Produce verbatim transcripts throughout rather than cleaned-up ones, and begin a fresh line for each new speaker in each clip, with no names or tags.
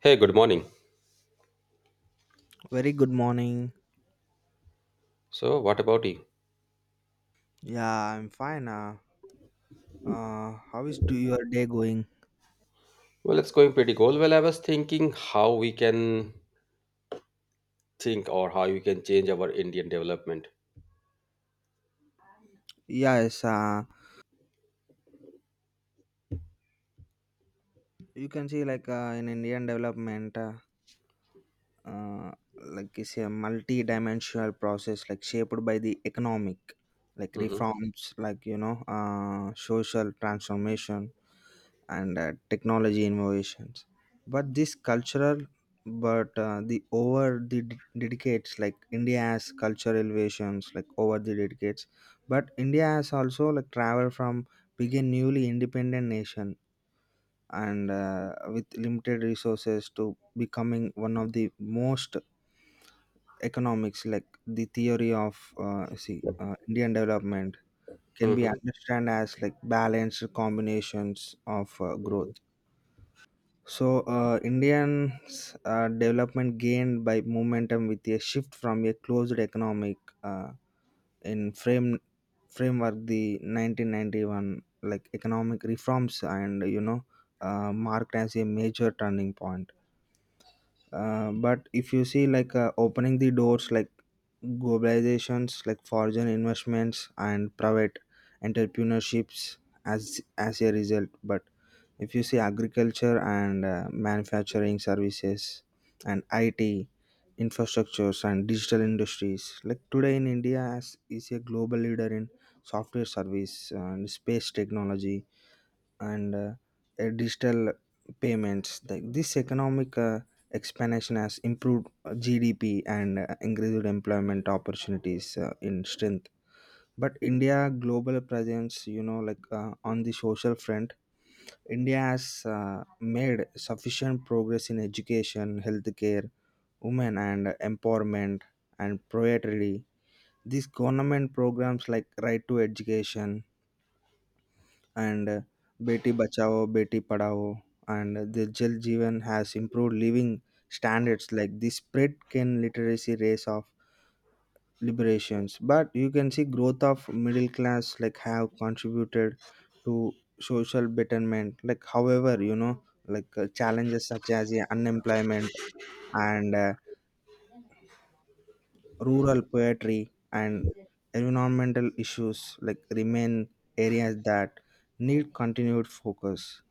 Hey, good morning.
Very good morning.
So, what about you?
Yeah, I'm fine. Uh, uh how is do your day going?
Well, it's going pretty cool. Well, I was thinking how we can think or how we can change our Indian development.
Yes, uh, you can see like uh, in Indian development, uh, uh, like it's a multi-dimensional process, like shaped by the economic, like
Hmm.
reforms, like you know, uh, social transformation, and uh, technology innovations but this cultural but uh, the over the d- dedicates like india has cultural elevations like over the dedicates but india has also like traveled from begin newly independent nation and uh, with limited resources to becoming one of the most economics like the theory of uh, see uh, indian development can be
Hmm.
understood as like balanced combinations of uh, growth.
Hmm.
So, uh, Indians' uh, development gained by momentum with a shift from a closed economic uh, in frame framework the nineteen ninety-one like economic reforms and you know uh, marked as a major turning point. Uh, but if you see like uh, opening the doors like globalizations like foreign investments and private entrepreneurships as as a result, but if you see agriculture and uh, manufacturing services and it infrastructures and digital industries like today in india as is a global leader in software service and space technology and uh, uh, digital payments like this economic uh, expansion has improved uh, gdp and uh, increased employment opportunities uh, in strength but india global presence you know like uh, on the social front India has uh, made sufficient progress in education, healthcare, women and empowerment, and poetry. These government programs like Right to Education and uh, Beti Bachao, Beti Padhao, and the Jal Jeevan has improved living standards. Like this spread can literacy rates of liberations but you can see growth of middle class like have contributed to social betterment like however you know like uh, challenges such as the unemployment and uh, rural poetry and environmental issues like remain areas that need continued focus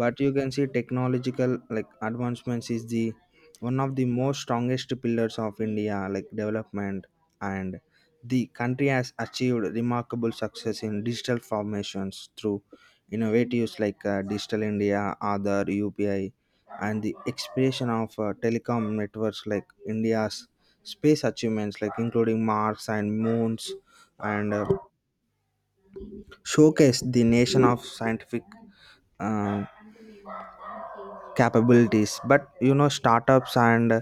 but you can see technological like advancements is the one of the most strongest pillars of india like development and the country has achieved remarkable success in digital formations through innovatives like uh, digital india other upi and the expansion of uh, telecom networks like india's space achievements like including mars and moons and uh, showcase the nation of scientific uh, capabilities but you know startups and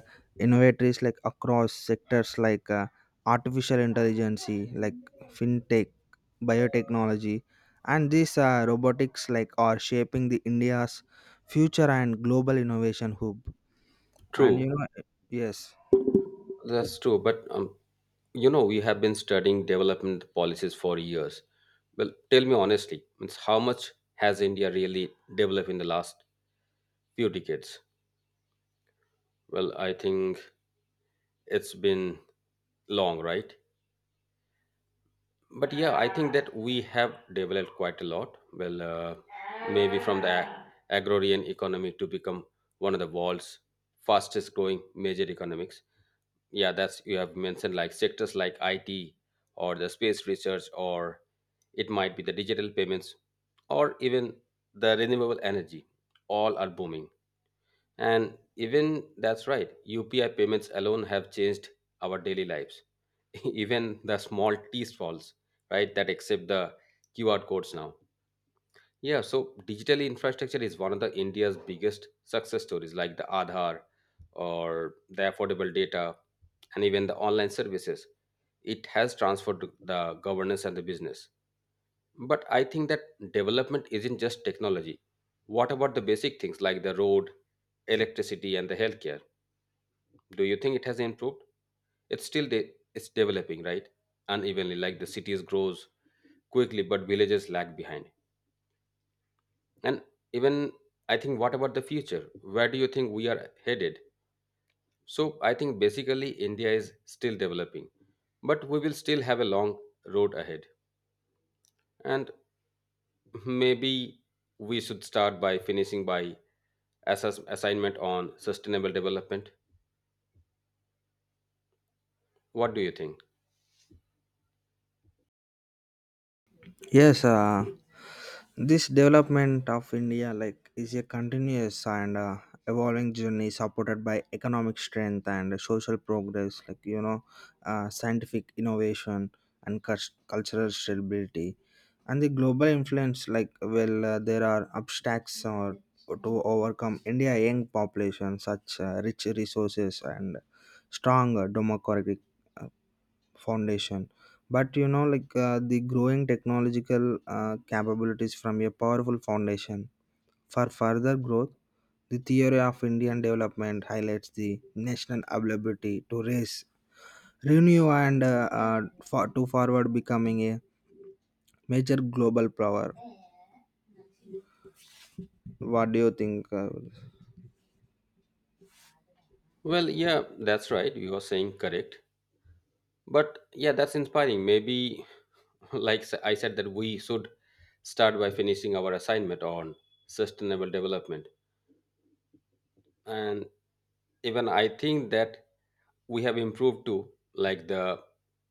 innovators like across sectors like uh, artificial intelligence like fintech biotechnology and these uh, robotics like are shaping the india's future and global innovation hub and you
True,
know yes.
that's true. But um, you know, we have been studying development policies for years. Well, tell me honestly, means how much has India really developed in the last few decades? Well, I think it's been long, right? But yeah, I think that we have developed quite a lot. Well, uh, maybe from the ag- agrarian economy to become one of the world's fastest growing major economics. Yeah, that's you have mentioned like sectors like it, or the space research, or it might be the digital payments, or even the renewable energy, all are booming. And even that's right, U P I payments alone have changed our daily lives. Even the small T falls, right, that accept the Q R codes now. Yeah, so digital infrastructure is one of the India's biggest success stories, like the Aadhaar or the affordable data, and even the online services. It has transformed the governance and the business. But I think that development isn't just technology. What about the basic things like the road, electricity, and the healthcare? Do you think it has improved? It's still de- it's developing, right? Unevenly, like the cities grows quickly, but villages lag behind. And even I think, what about the future? Where do you think we are headed? So I think basically India is still developing, but we will still have a long road ahead. And maybe we should start by finishing by assess- assignment on sustainable development. What do you think?
Yes uh, this development of India like is a continuous and uh, evolving journey supported by economic strength and social progress like you know uh, scientific innovation and cus- cultural stability and the global influence like well uh, there are obstacles or to overcome India young population such uh, rich resources and strong uh, democratic uh, foundation but you know like uh, the growing technological uh, capabilities from a powerful foundation for further growth the theory of indian development highlights the national ability to raise renew and uh, uh, for, to forward becoming a major global power. What do you think uh,
Well, yeah, that's right. You are saying correct. But yeah, that's inspiring. Maybe, like s- I said, that we should start by finishing our assignment on sustainable development. And even I think that we have improved too, like the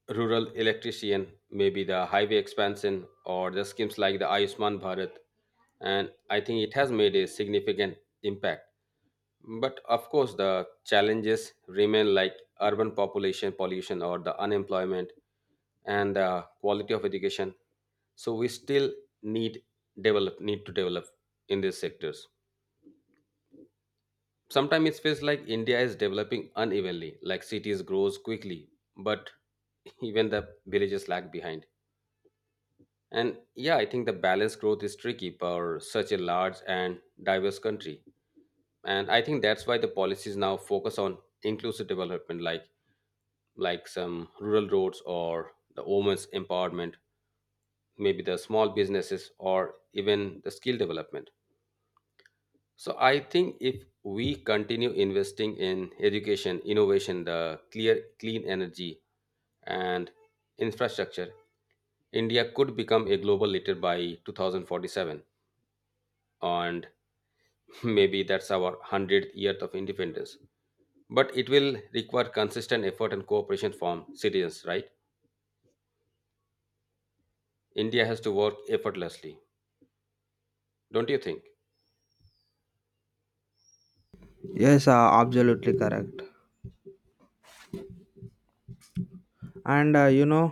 rural electrician, maybe the highway expansion or the schemes like the Ayushman Bharat. And I think it has made a significant impact. But of course the challenges remain, like urban population pollution or the unemployment and the quality of education. So we still need develop need to develop in these sectors. Sometimes it feels like India is developing unevenly, like cities grows quickly, but even the villages lag behind. And yeah, I think the balanced growth is tricky for such a large and diverse country. And I think that's why the policies now focus on inclusive development, like like some rural roads or the women's empowerment, maybe the small businesses or even the skill development. So I think if we continue investing in education, innovation, the clear clean energy and infrastructure, India could become a global leader by two thousand forty-seven. And maybe that's our one hundredth year of independence. But it will require consistent effort and cooperation from citizens, right? India has to work effortlessly. Don't you think?
yes uh, absolutely correct. And uh, you know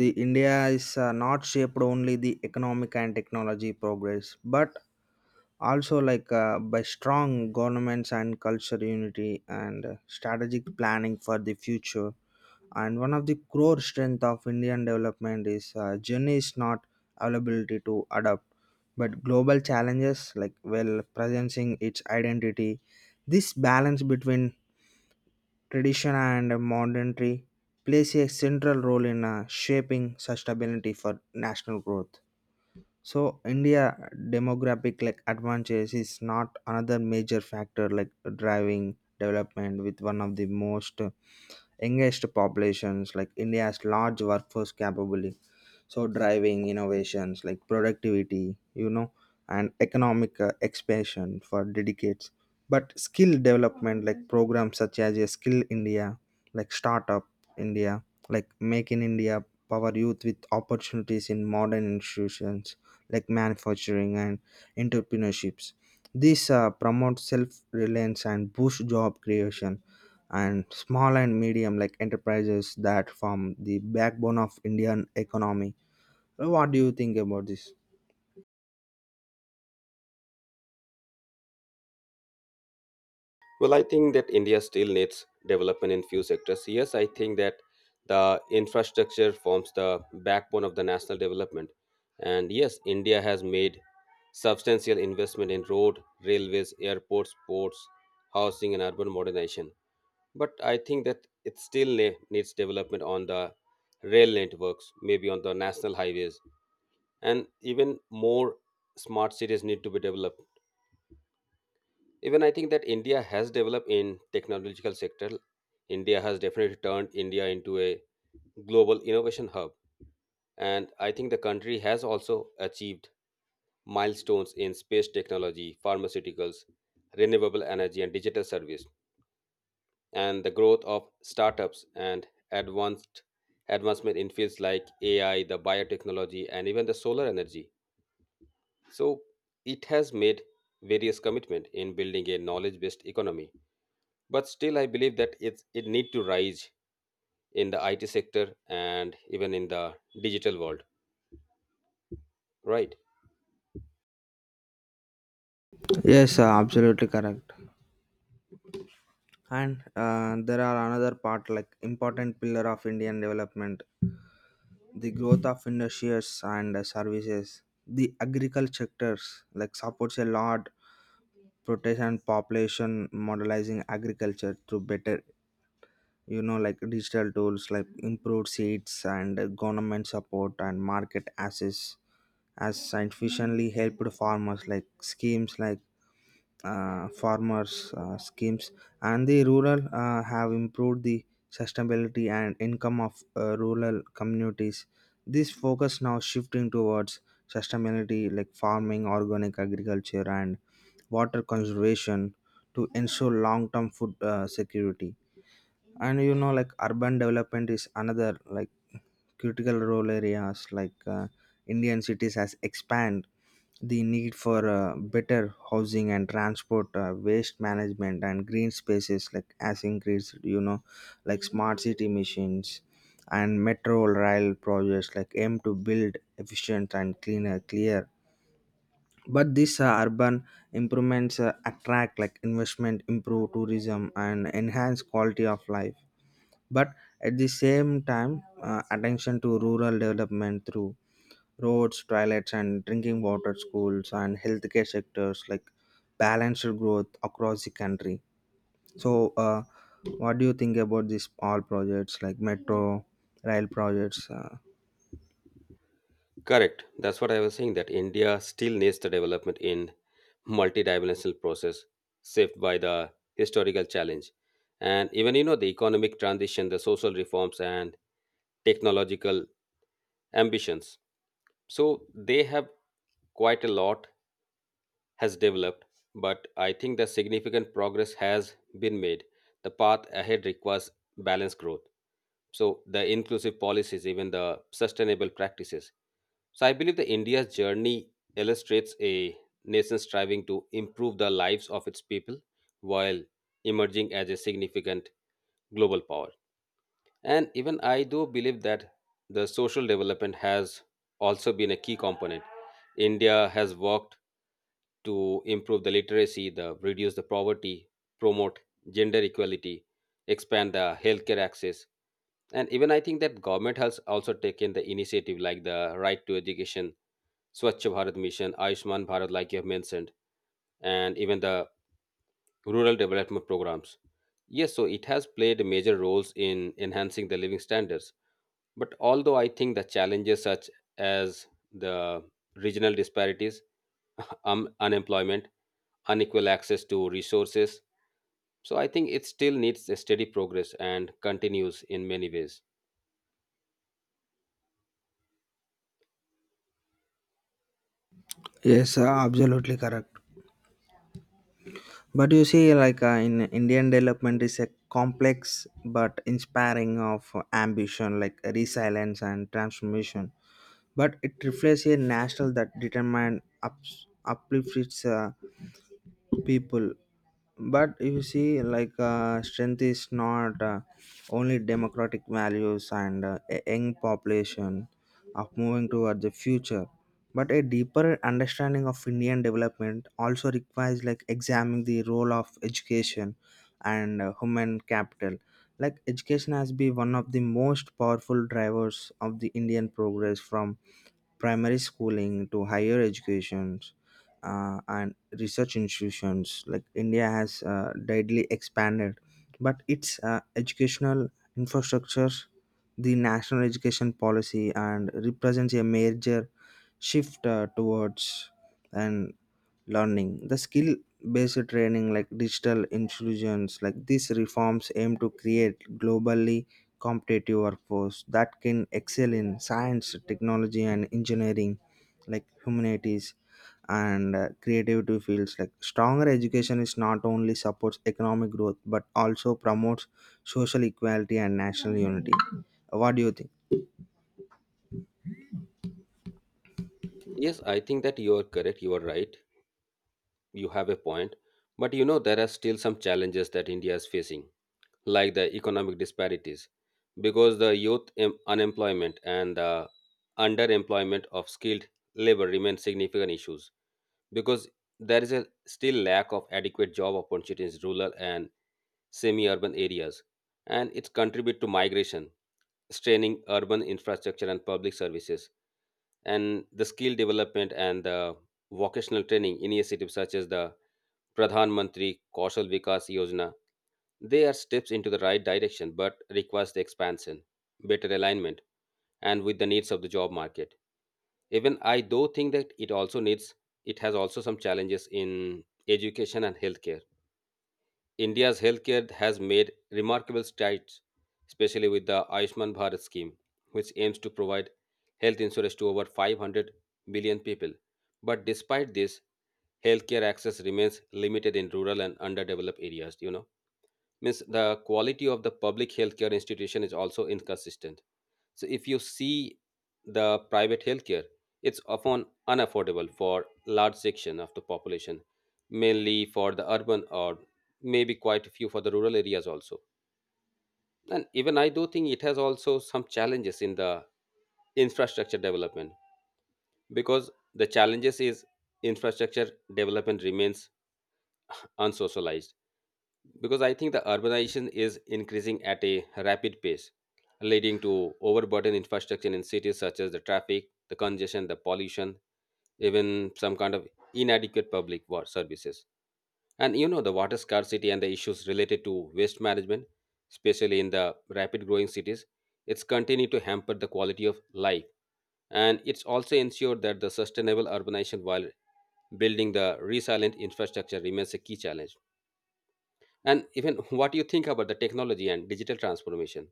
the india is uh, not shaped only the economic and technology progress but also like uh, by strong governments and culture unity and uh, strategic planning for the future and one of the core strength of indian development is uh, journey is not availability to adapt but global challenges like well presencing its identity. This balance between tradition and modernity plays a central role in uh, shaping sustainability for national growth. So india demographic like advantage is not another major factor like driving development with one of the most uh, youngest populations like india's large workforce capable so driving innovations like productivity you know and economic uh, expansion for decades but skill development like programs such as a skill india like startup india like make in india power youth with opportunities in modern institutions like manufacturing and entrepreneurships. This uh, promotes self-reliance and boost job creation and small and medium like enterprises that form the backbone of indian economy. What do you think about this?
Well, I think that India still needs development in few sectors. Yes, I think that the infrastructure forms the backbone of the national development. And yes, India has made substantial investment in road, railways, airports, ports, housing, and urban modernization. But I think that it still ne- needs development on the rail networks, maybe on the national highways, and even more smart cities need to be developed. Even I think that India has developed in technological sector. India has definitely turned India into a global innovation hub. And I think the country has also achieved milestones in space technology, pharmaceuticals, renewable energy, and digital service. And the growth of startups and advanced advancement in fields like A I, the biotechnology, and even the solar energy. So it has made various commitment in building a knowledge based economy. But still I believe that it's it need to rise in the it sector, and even in the digital world, right?
Yes, uh, absolutely correct. And uh, there are another part like important pillar of Indian development, the growth of industries and uh, services. The agriculture sectors like supports a lot protection population modelizing agriculture through better you know like digital tools like improved seeds and uh, government support and market access has sufficiently helped farmers like schemes like uh, farmers uh, schemes and the rural uh, have improved the sustainability and income of uh, rural communities. This focus now shifting towards sustainability like farming organic agriculture and water conservation to ensure long-term food uh, security. And you know like urban development is another like critical role areas like uh, indian cities has expand the need for uh, better housing and transport uh, waste management and green spaces like has increased you know like smart city missions and metro rail projects like aim to build efficient and cleaner clear but these uh, urban improvements uh, attract like investment improve tourism and enhance quality of life but at the same time uh, attention to rural development through roads toilets and drinking water schools and healthcare sectors like balanced growth across the country. So uh, what do you think about these all projects like metro rail projects uh,
Correct, that's what I was saying, that India still needs the development in multidimensional process shaped by the historical challenge, and even you know the economic transition, the social reforms, and technological ambitions. So they have quite a lot has developed. But I think the significant progress has been made. The path ahead requires balanced growth, so the inclusive policies, even the sustainable practices. So I believe the India's journey illustrates a nation striving to improve the lives of its people while emerging as a significant global power. And even I do believe that the social development has also been a key component. India has worked to improve the literacy, the reduce the poverty, promote gender equality, expand the healthcare access. And even I think that government has also taken the initiative like the right to education, Swachh Bharat mission, Ayushman Bharat, like you have mentioned, and even the rural development programs. Yes, so it has played major roles in enhancing the living standards. But although I think the challenges such as the regional disparities, um, unemployment, unequal access to resources, so I think it still needs a steady progress and continues in many ways.
yes uh, absolutely correct but you see like uh, in indian development is a complex but inspiring of ambition like resilience and transformation but it reflects a national that determined ups, uplift its uh, people but if you see like uh, strength is not uh, only democratic values and uh, a young population of moving towards the future but a deeper understanding of indian development also requires like examining the role of education and uh, human capital like education has been one of the most powerful drivers of the indian progress from primary schooling to higher educations uh, and research institutions like india has uh, greatly expanded but its uh, educational infrastructure the national education policy and represents a major shift uh, towards an learning the skill based training like digital inclusions like these reforms aim to create globally competitive workforce that can excel in science technology and engineering like humanities and uh, creativity fields like stronger education is not only supports economic growth but also promotes social equality and national unity. What do you think?
Yes, I think that you are correct. You are right. You have a point. But you know, there are still some challenges that India is facing, like the economic disparities, because the youth em- unemployment and the underemployment of skilled labor remain significant issues. Because there is a still lack of adequate job opportunities in rural and semi-urban areas, and it contribute to migration straining urban infrastructure and public services. And the skill development and the vocational training initiatives such as the Pradhan Mantri Kaushal Vikas Yojana, they are steps into the right direction, but requires the expansion, better alignment, and with the needs of the job market. Even I do think that it also needs, it has also some challenges in education and healthcare. India's healthcare has made remarkable strides, especially with the Ayushman Bharat scheme, which aims to provide health insurance to over 500 million people. But despite this, healthcare access remains limited in rural and underdeveloped areas, you know, means the quality of the public healthcare institution is also inconsistent. So if you see the private healthcare, it's often unaffordable for large section of the population, mainly for the urban or maybe quite a few for the rural areas also. And even I do think it has also some challenges in the infrastructure development, because the challenges is infrastructure development remains unsocialized. Because I think the urbanization is increasing at a rapid pace, leading to overburdened infrastructure in cities such as the traffic, the congestion, the pollution, even some kind of inadequate public water services. And you know the water scarcity and the issues related to waste management, especially in the rapid growing cities, it's continued to hamper the quality of life. And it's also ensured that the sustainable urbanization while building the resilient infrastructure remains a key challenge. And even what you think about the technology and digital transformation,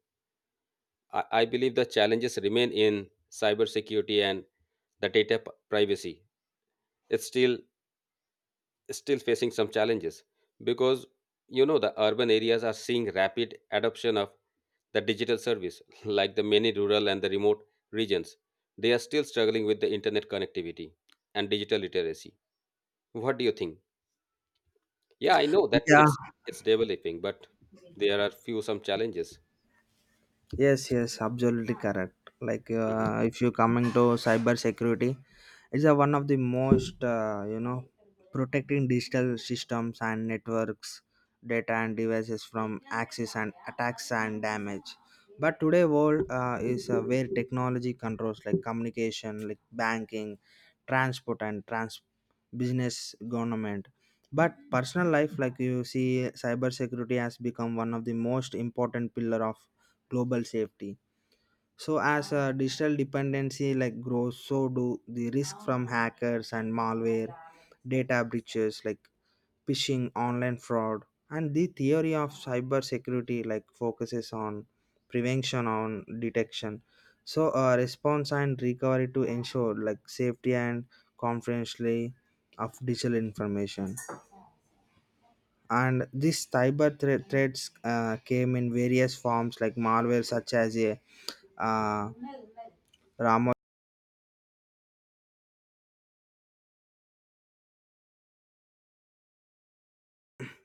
I, I believe the challenges remain in cybersecurity and the data p- privacy. It's still still facing some challenges. Because you know the urban areas are seeing rapid adoption of the digital service, like the many rural and the remote regions. They are still struggling with the internet connectivity and digital literacy. What do you think? Yeah, I know that
Yeah,
it's it's developing, but there are few some challenges.
yes, yes, absolutely correct. Like
Mhm.
uh, if you coming to cyber security, it's a one of the most uh, you know protecting digital systems and networks, data and devices from access and attacks and damage. But today world uh, is uh, where technology controls like communication, like banking, transport and trans business, government. But personal life, like you see, cyber security has become one of the most important pillar of global safety. So as a digital dependency like grows, so do the risk from hackers and malware, data breaches like phishing, online fraud, and the theory of cybersecurity like focuses on prevention on detection. So uh, response and recovery to ensure like safety and confidentiality of digital information and these cyber thre- threats uh, came in various forms like malware such as a uh, ramo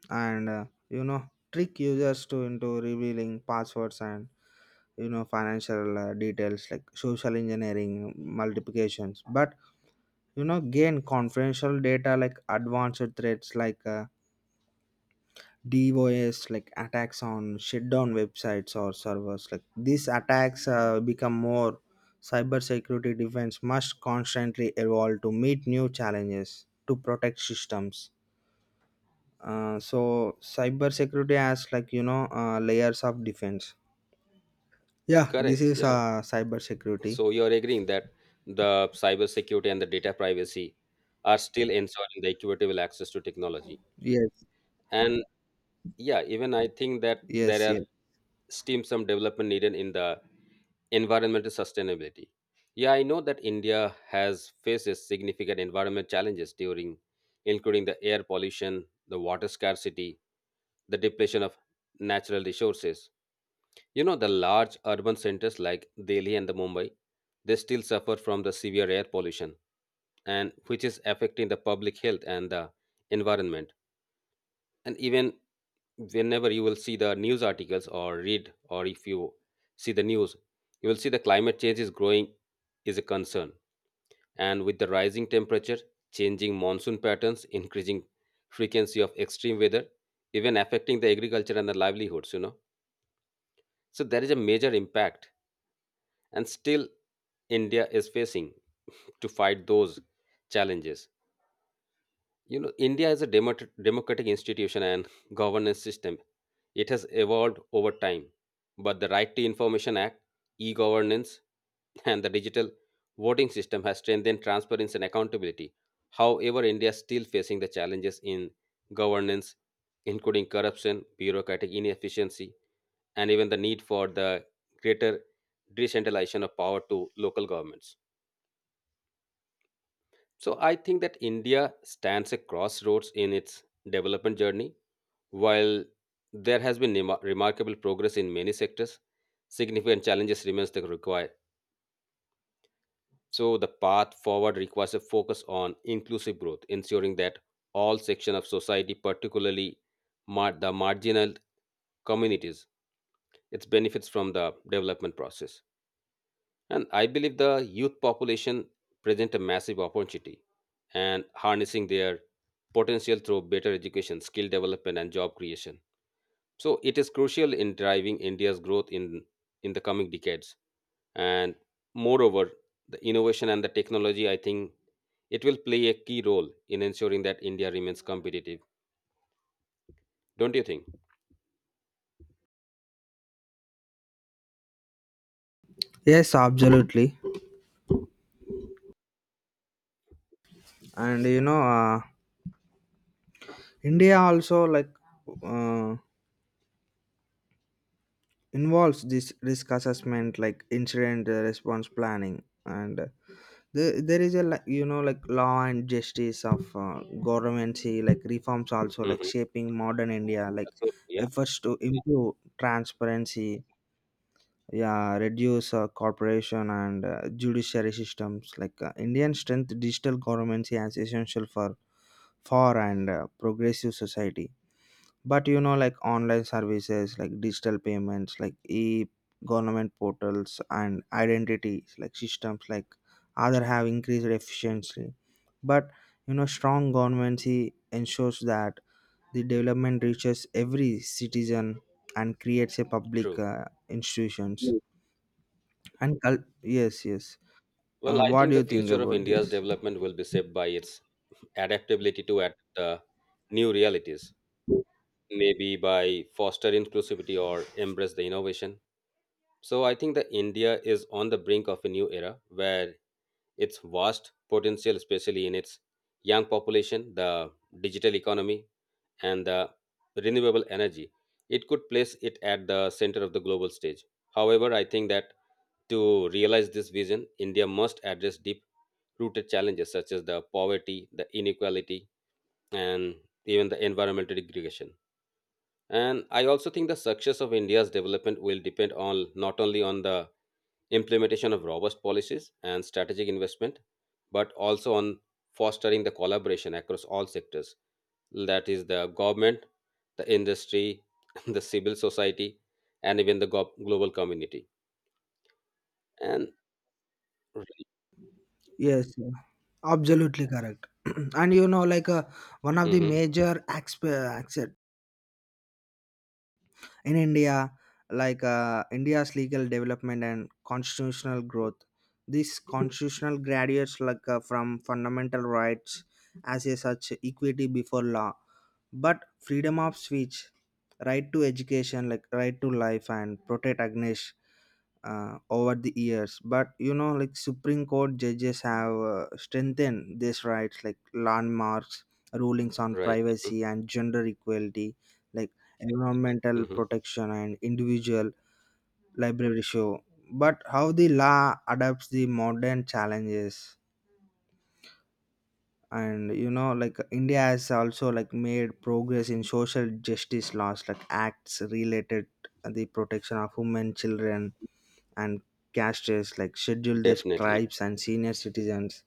and uh, you know trick users to into revealing passwords and you know financial uh, details like social engineering multiplications but you know gain confidential data like advanced threats like uh, D O S like attacks on shutdown websites or servers. Like these attacks uh, become more cybersecurity defense must constantly evolve to meet new challenges to protect systems. Uh, so cybersecurity has like you know uh, layers of defense. Yeah, this
Correct.
is
Yeah.
uh, cybersecurity.
So you're agreeing that the cybersecurity and the data privacy are still ensuring the equitable access to technology.
Yes,
And yeah, even I think that
yes,
there are
yes,
still some development needed in the environmental sustainability. Yeah, I know that India has faces significant environment challenges during, including the air pollution, the water scarcity, the depletion of natural resources. You know, the large urban centers like Delhi and the Mumbai, they still suffer from the severe air pollution, and which is affecting the public health and the environment. And even whenever you will see the news articles or read, or if you see the news, you will see the climate change is growing is a concern. And with the rising temperature, changing monsoon patterns, increasing frequency of extreme weather, even affecting the agriculture and the livelihoods, you know. So there is a major impact. And still India is facing to fight those challenges. You know, India is a demot- democratic institution and governance system. It has evolved over time, but the Right to Information Act, e-governance, and the digital voting system has strengthened transparency and accountability. However, India is still facing the challenges in governance, including corruption, bureaucratic inefficiency, and even the need for the greater decentralization of power to local governments. So I think that India stands a crossroads in its development journey. While there has been nema- remarkable progress in many sectors, significant challenges remains that require. So the path forward requires a focus on inclusive growth, ensuring that all sections of society, particularly mar- the marginal communities, its benefits from the development process. And I believe the youth population present a massive opportunity, and harnessing their potential through better education, skill development, and job creation. So it is crucial in driving India's growth in, in the coming decades. And moreover, the innovation and the technology, I think it will play a key role in ensuring that India remains competitive. Don't you think?
yes, absolutely. And you know, uh, India also like. Uh, Involves this risk assessment like incident uh, response planning and uh, the, there is a like you know like law and justice of uh, government like reforms also like
Hmm.
shaping modern india like
So, yeah,
efforts to improve transparency yeah reduce uh, corporation and uh, judiciary systems like uh, indian strength digital government as essential for for and uh, progressive society but you know like online services like digital payments like e government portals and identity like systems like other have increased efficiency but you know strong governments he ensures that the development reaches every citizen and creates a public
true.
uh, institutions
Mm.
and cul- yes. yes
Well,
uh,
I
what
think
do
the
you think
future of
about
India's
this?
development will be shaped by its adaptability to adapt uh, new realities, maybe by foster inclusivity or embrace the innovation. So I think that India is on the brink of a new era where its vast potential, especially in its young population, the digital economy, and the renewable energy, it could place it at the center of the global stage. However, I think that to realize this vision, India must address deep rooted challenges such as the poverty, the inequality, and even the environmental degradation. And I also think the success of India's development will depend on not only on the implementation of robust policies and strategic investment, but also on fostering the collaboration across all sectors. That is the government, the industry, the civil society, and even the go- global community. And.
Yes, yeah, absolutely correct. And you know like uh, one of the
Mhm.
major aspe- in India, like uh, India's legal development and constitutional growth. These constitutional graduates like uh, from fundamental rights as a such equity before law but freedom of speech right to education like right to life and protect agnesh uh, over the years but you know like supreme court judges have uh, strengthened these rights like landmarks rulings on
Right. Mhm.
privacy and gender equality like environmental
Mhm.
protection and individual library show but how the law adapts the modern challenges. And you know like india has also like made progress in social justice laws like acts related the protection of women children and castes like scheduled
Definitely.
tribes and senior citizens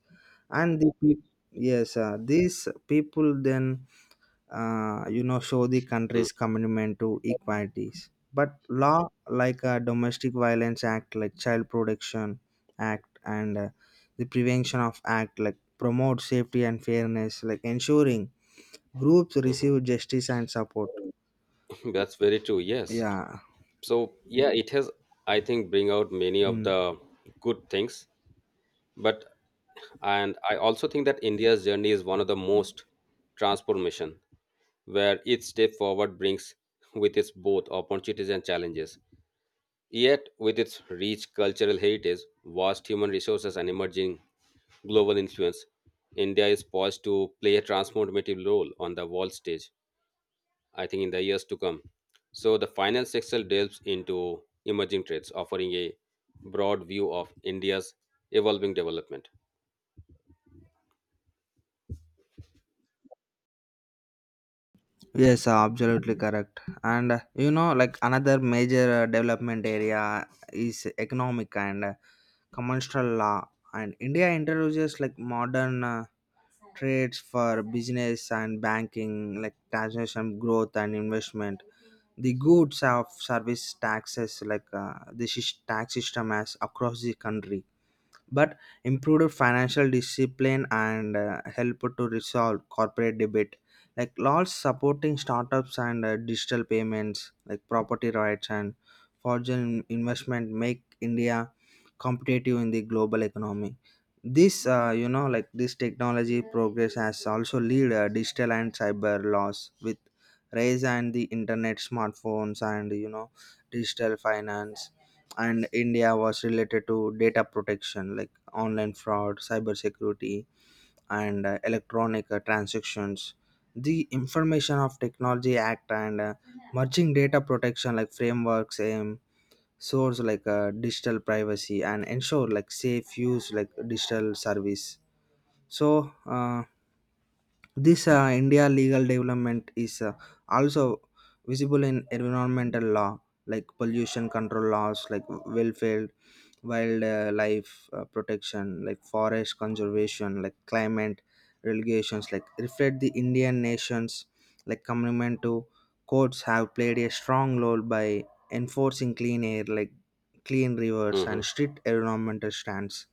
and the peop yes uh, these people then uh, you know show the
Mhm.
country's commitment to equalities but law like a domestic violence act like child protection act and uh, the prevention of act like promote safety and fairness like ensuring groups receive justice and support.
Mhm. That's very true. Yes.
Yeah.
So yeah, it has, I think, bring out many of
Mm.
the good things. But and I also think that India's journey is one of the most transformation where each step forward brings with its both opportunities and challenges. Yet with its rich cultural heritage, vast human resources, and emerging global influence, India is poised to play a transformative role on the world stage, I think, in the years to come. So, the final section delves into emerging trades, offering a broad view of India's evolving development.
Yes, uh, absolutely correct. And uh, you know, like another major uh, development area is economic and uh, commercial law. And India introduces like modern uh, trades for business and banking like taxation growth and investment the goods of service taxes like uh, this is tax system as across the country but improved financial discipline and uh, help to resolve corporate debit like laws supporting startups and uh, digital payments like property rights and foreign investment make india competitive in the global economy. This uh, you know like this technology progress has also lead uh, digital and cyber laws with rise and the internet smartphones and you know digital finance and india was related to data protection like online fraud cyber security and uh, electronic uh, transactions the information of technology act and uh, merging data protection like frameworks aim source like uh, digital privacy and ensure like safe use like digital service. So uh, this uh, India legal development is uh, also visible in environmental law, like pollution control laws, like welfare, wildlife uh, protection, like forest conservation, like climate regulations, like reflect the Indian nations, like commitment to courts have played a strong role by enforcing clean air, like clean rivers and
Mhm.
strict environmental stands.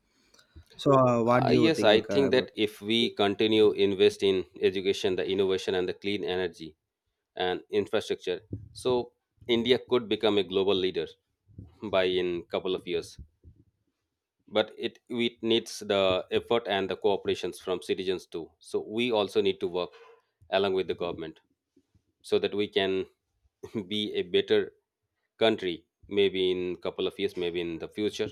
So, uh, what
Uh,
do you
yes, I
think uh,
think
about?
that if we continue invest in education, the innovation, and the clean energy and infrastructure, so India could become a global leader by in couple of years. But it it needs the effort and the cooperations from citizens too. So we also need to work along with the government, so that we can be a better country, maybe in couple of years, maybe in the future.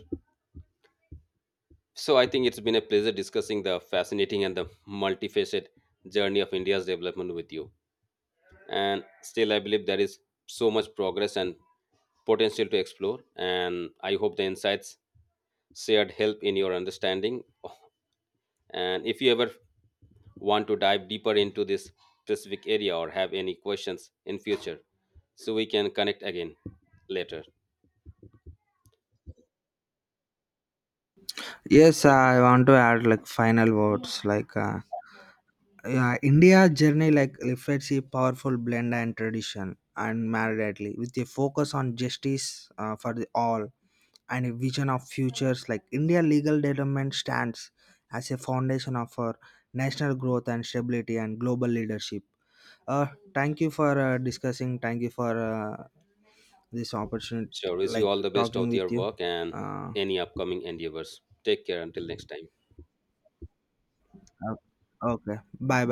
So I think it's been a pleasure discussing the fascinating and the multifaceted journey of India's development with you. And still I believe there is so much progress and potential to explore, and I hope the insights shared help in your understanding. And if you ever want to dive deeper into this specific area or have any questions in future, so we can connect again later.
Yes, I want to add like final words like uh, yeah, India journey like reflects a powerful blend and tradition and marriedly with a focus on justice uh, for the all and a vision of futures like India legal development stands as a foundation of our national growth and stability and global leadership. Uh, Thank you for uh, discussing. Thank you for uh, this opportunity
Sure. Wish you
like
all the best
talking
of
with
your
you.
work and
Uh,
any upcoming endeavors. Take care until next time.
okay. Bye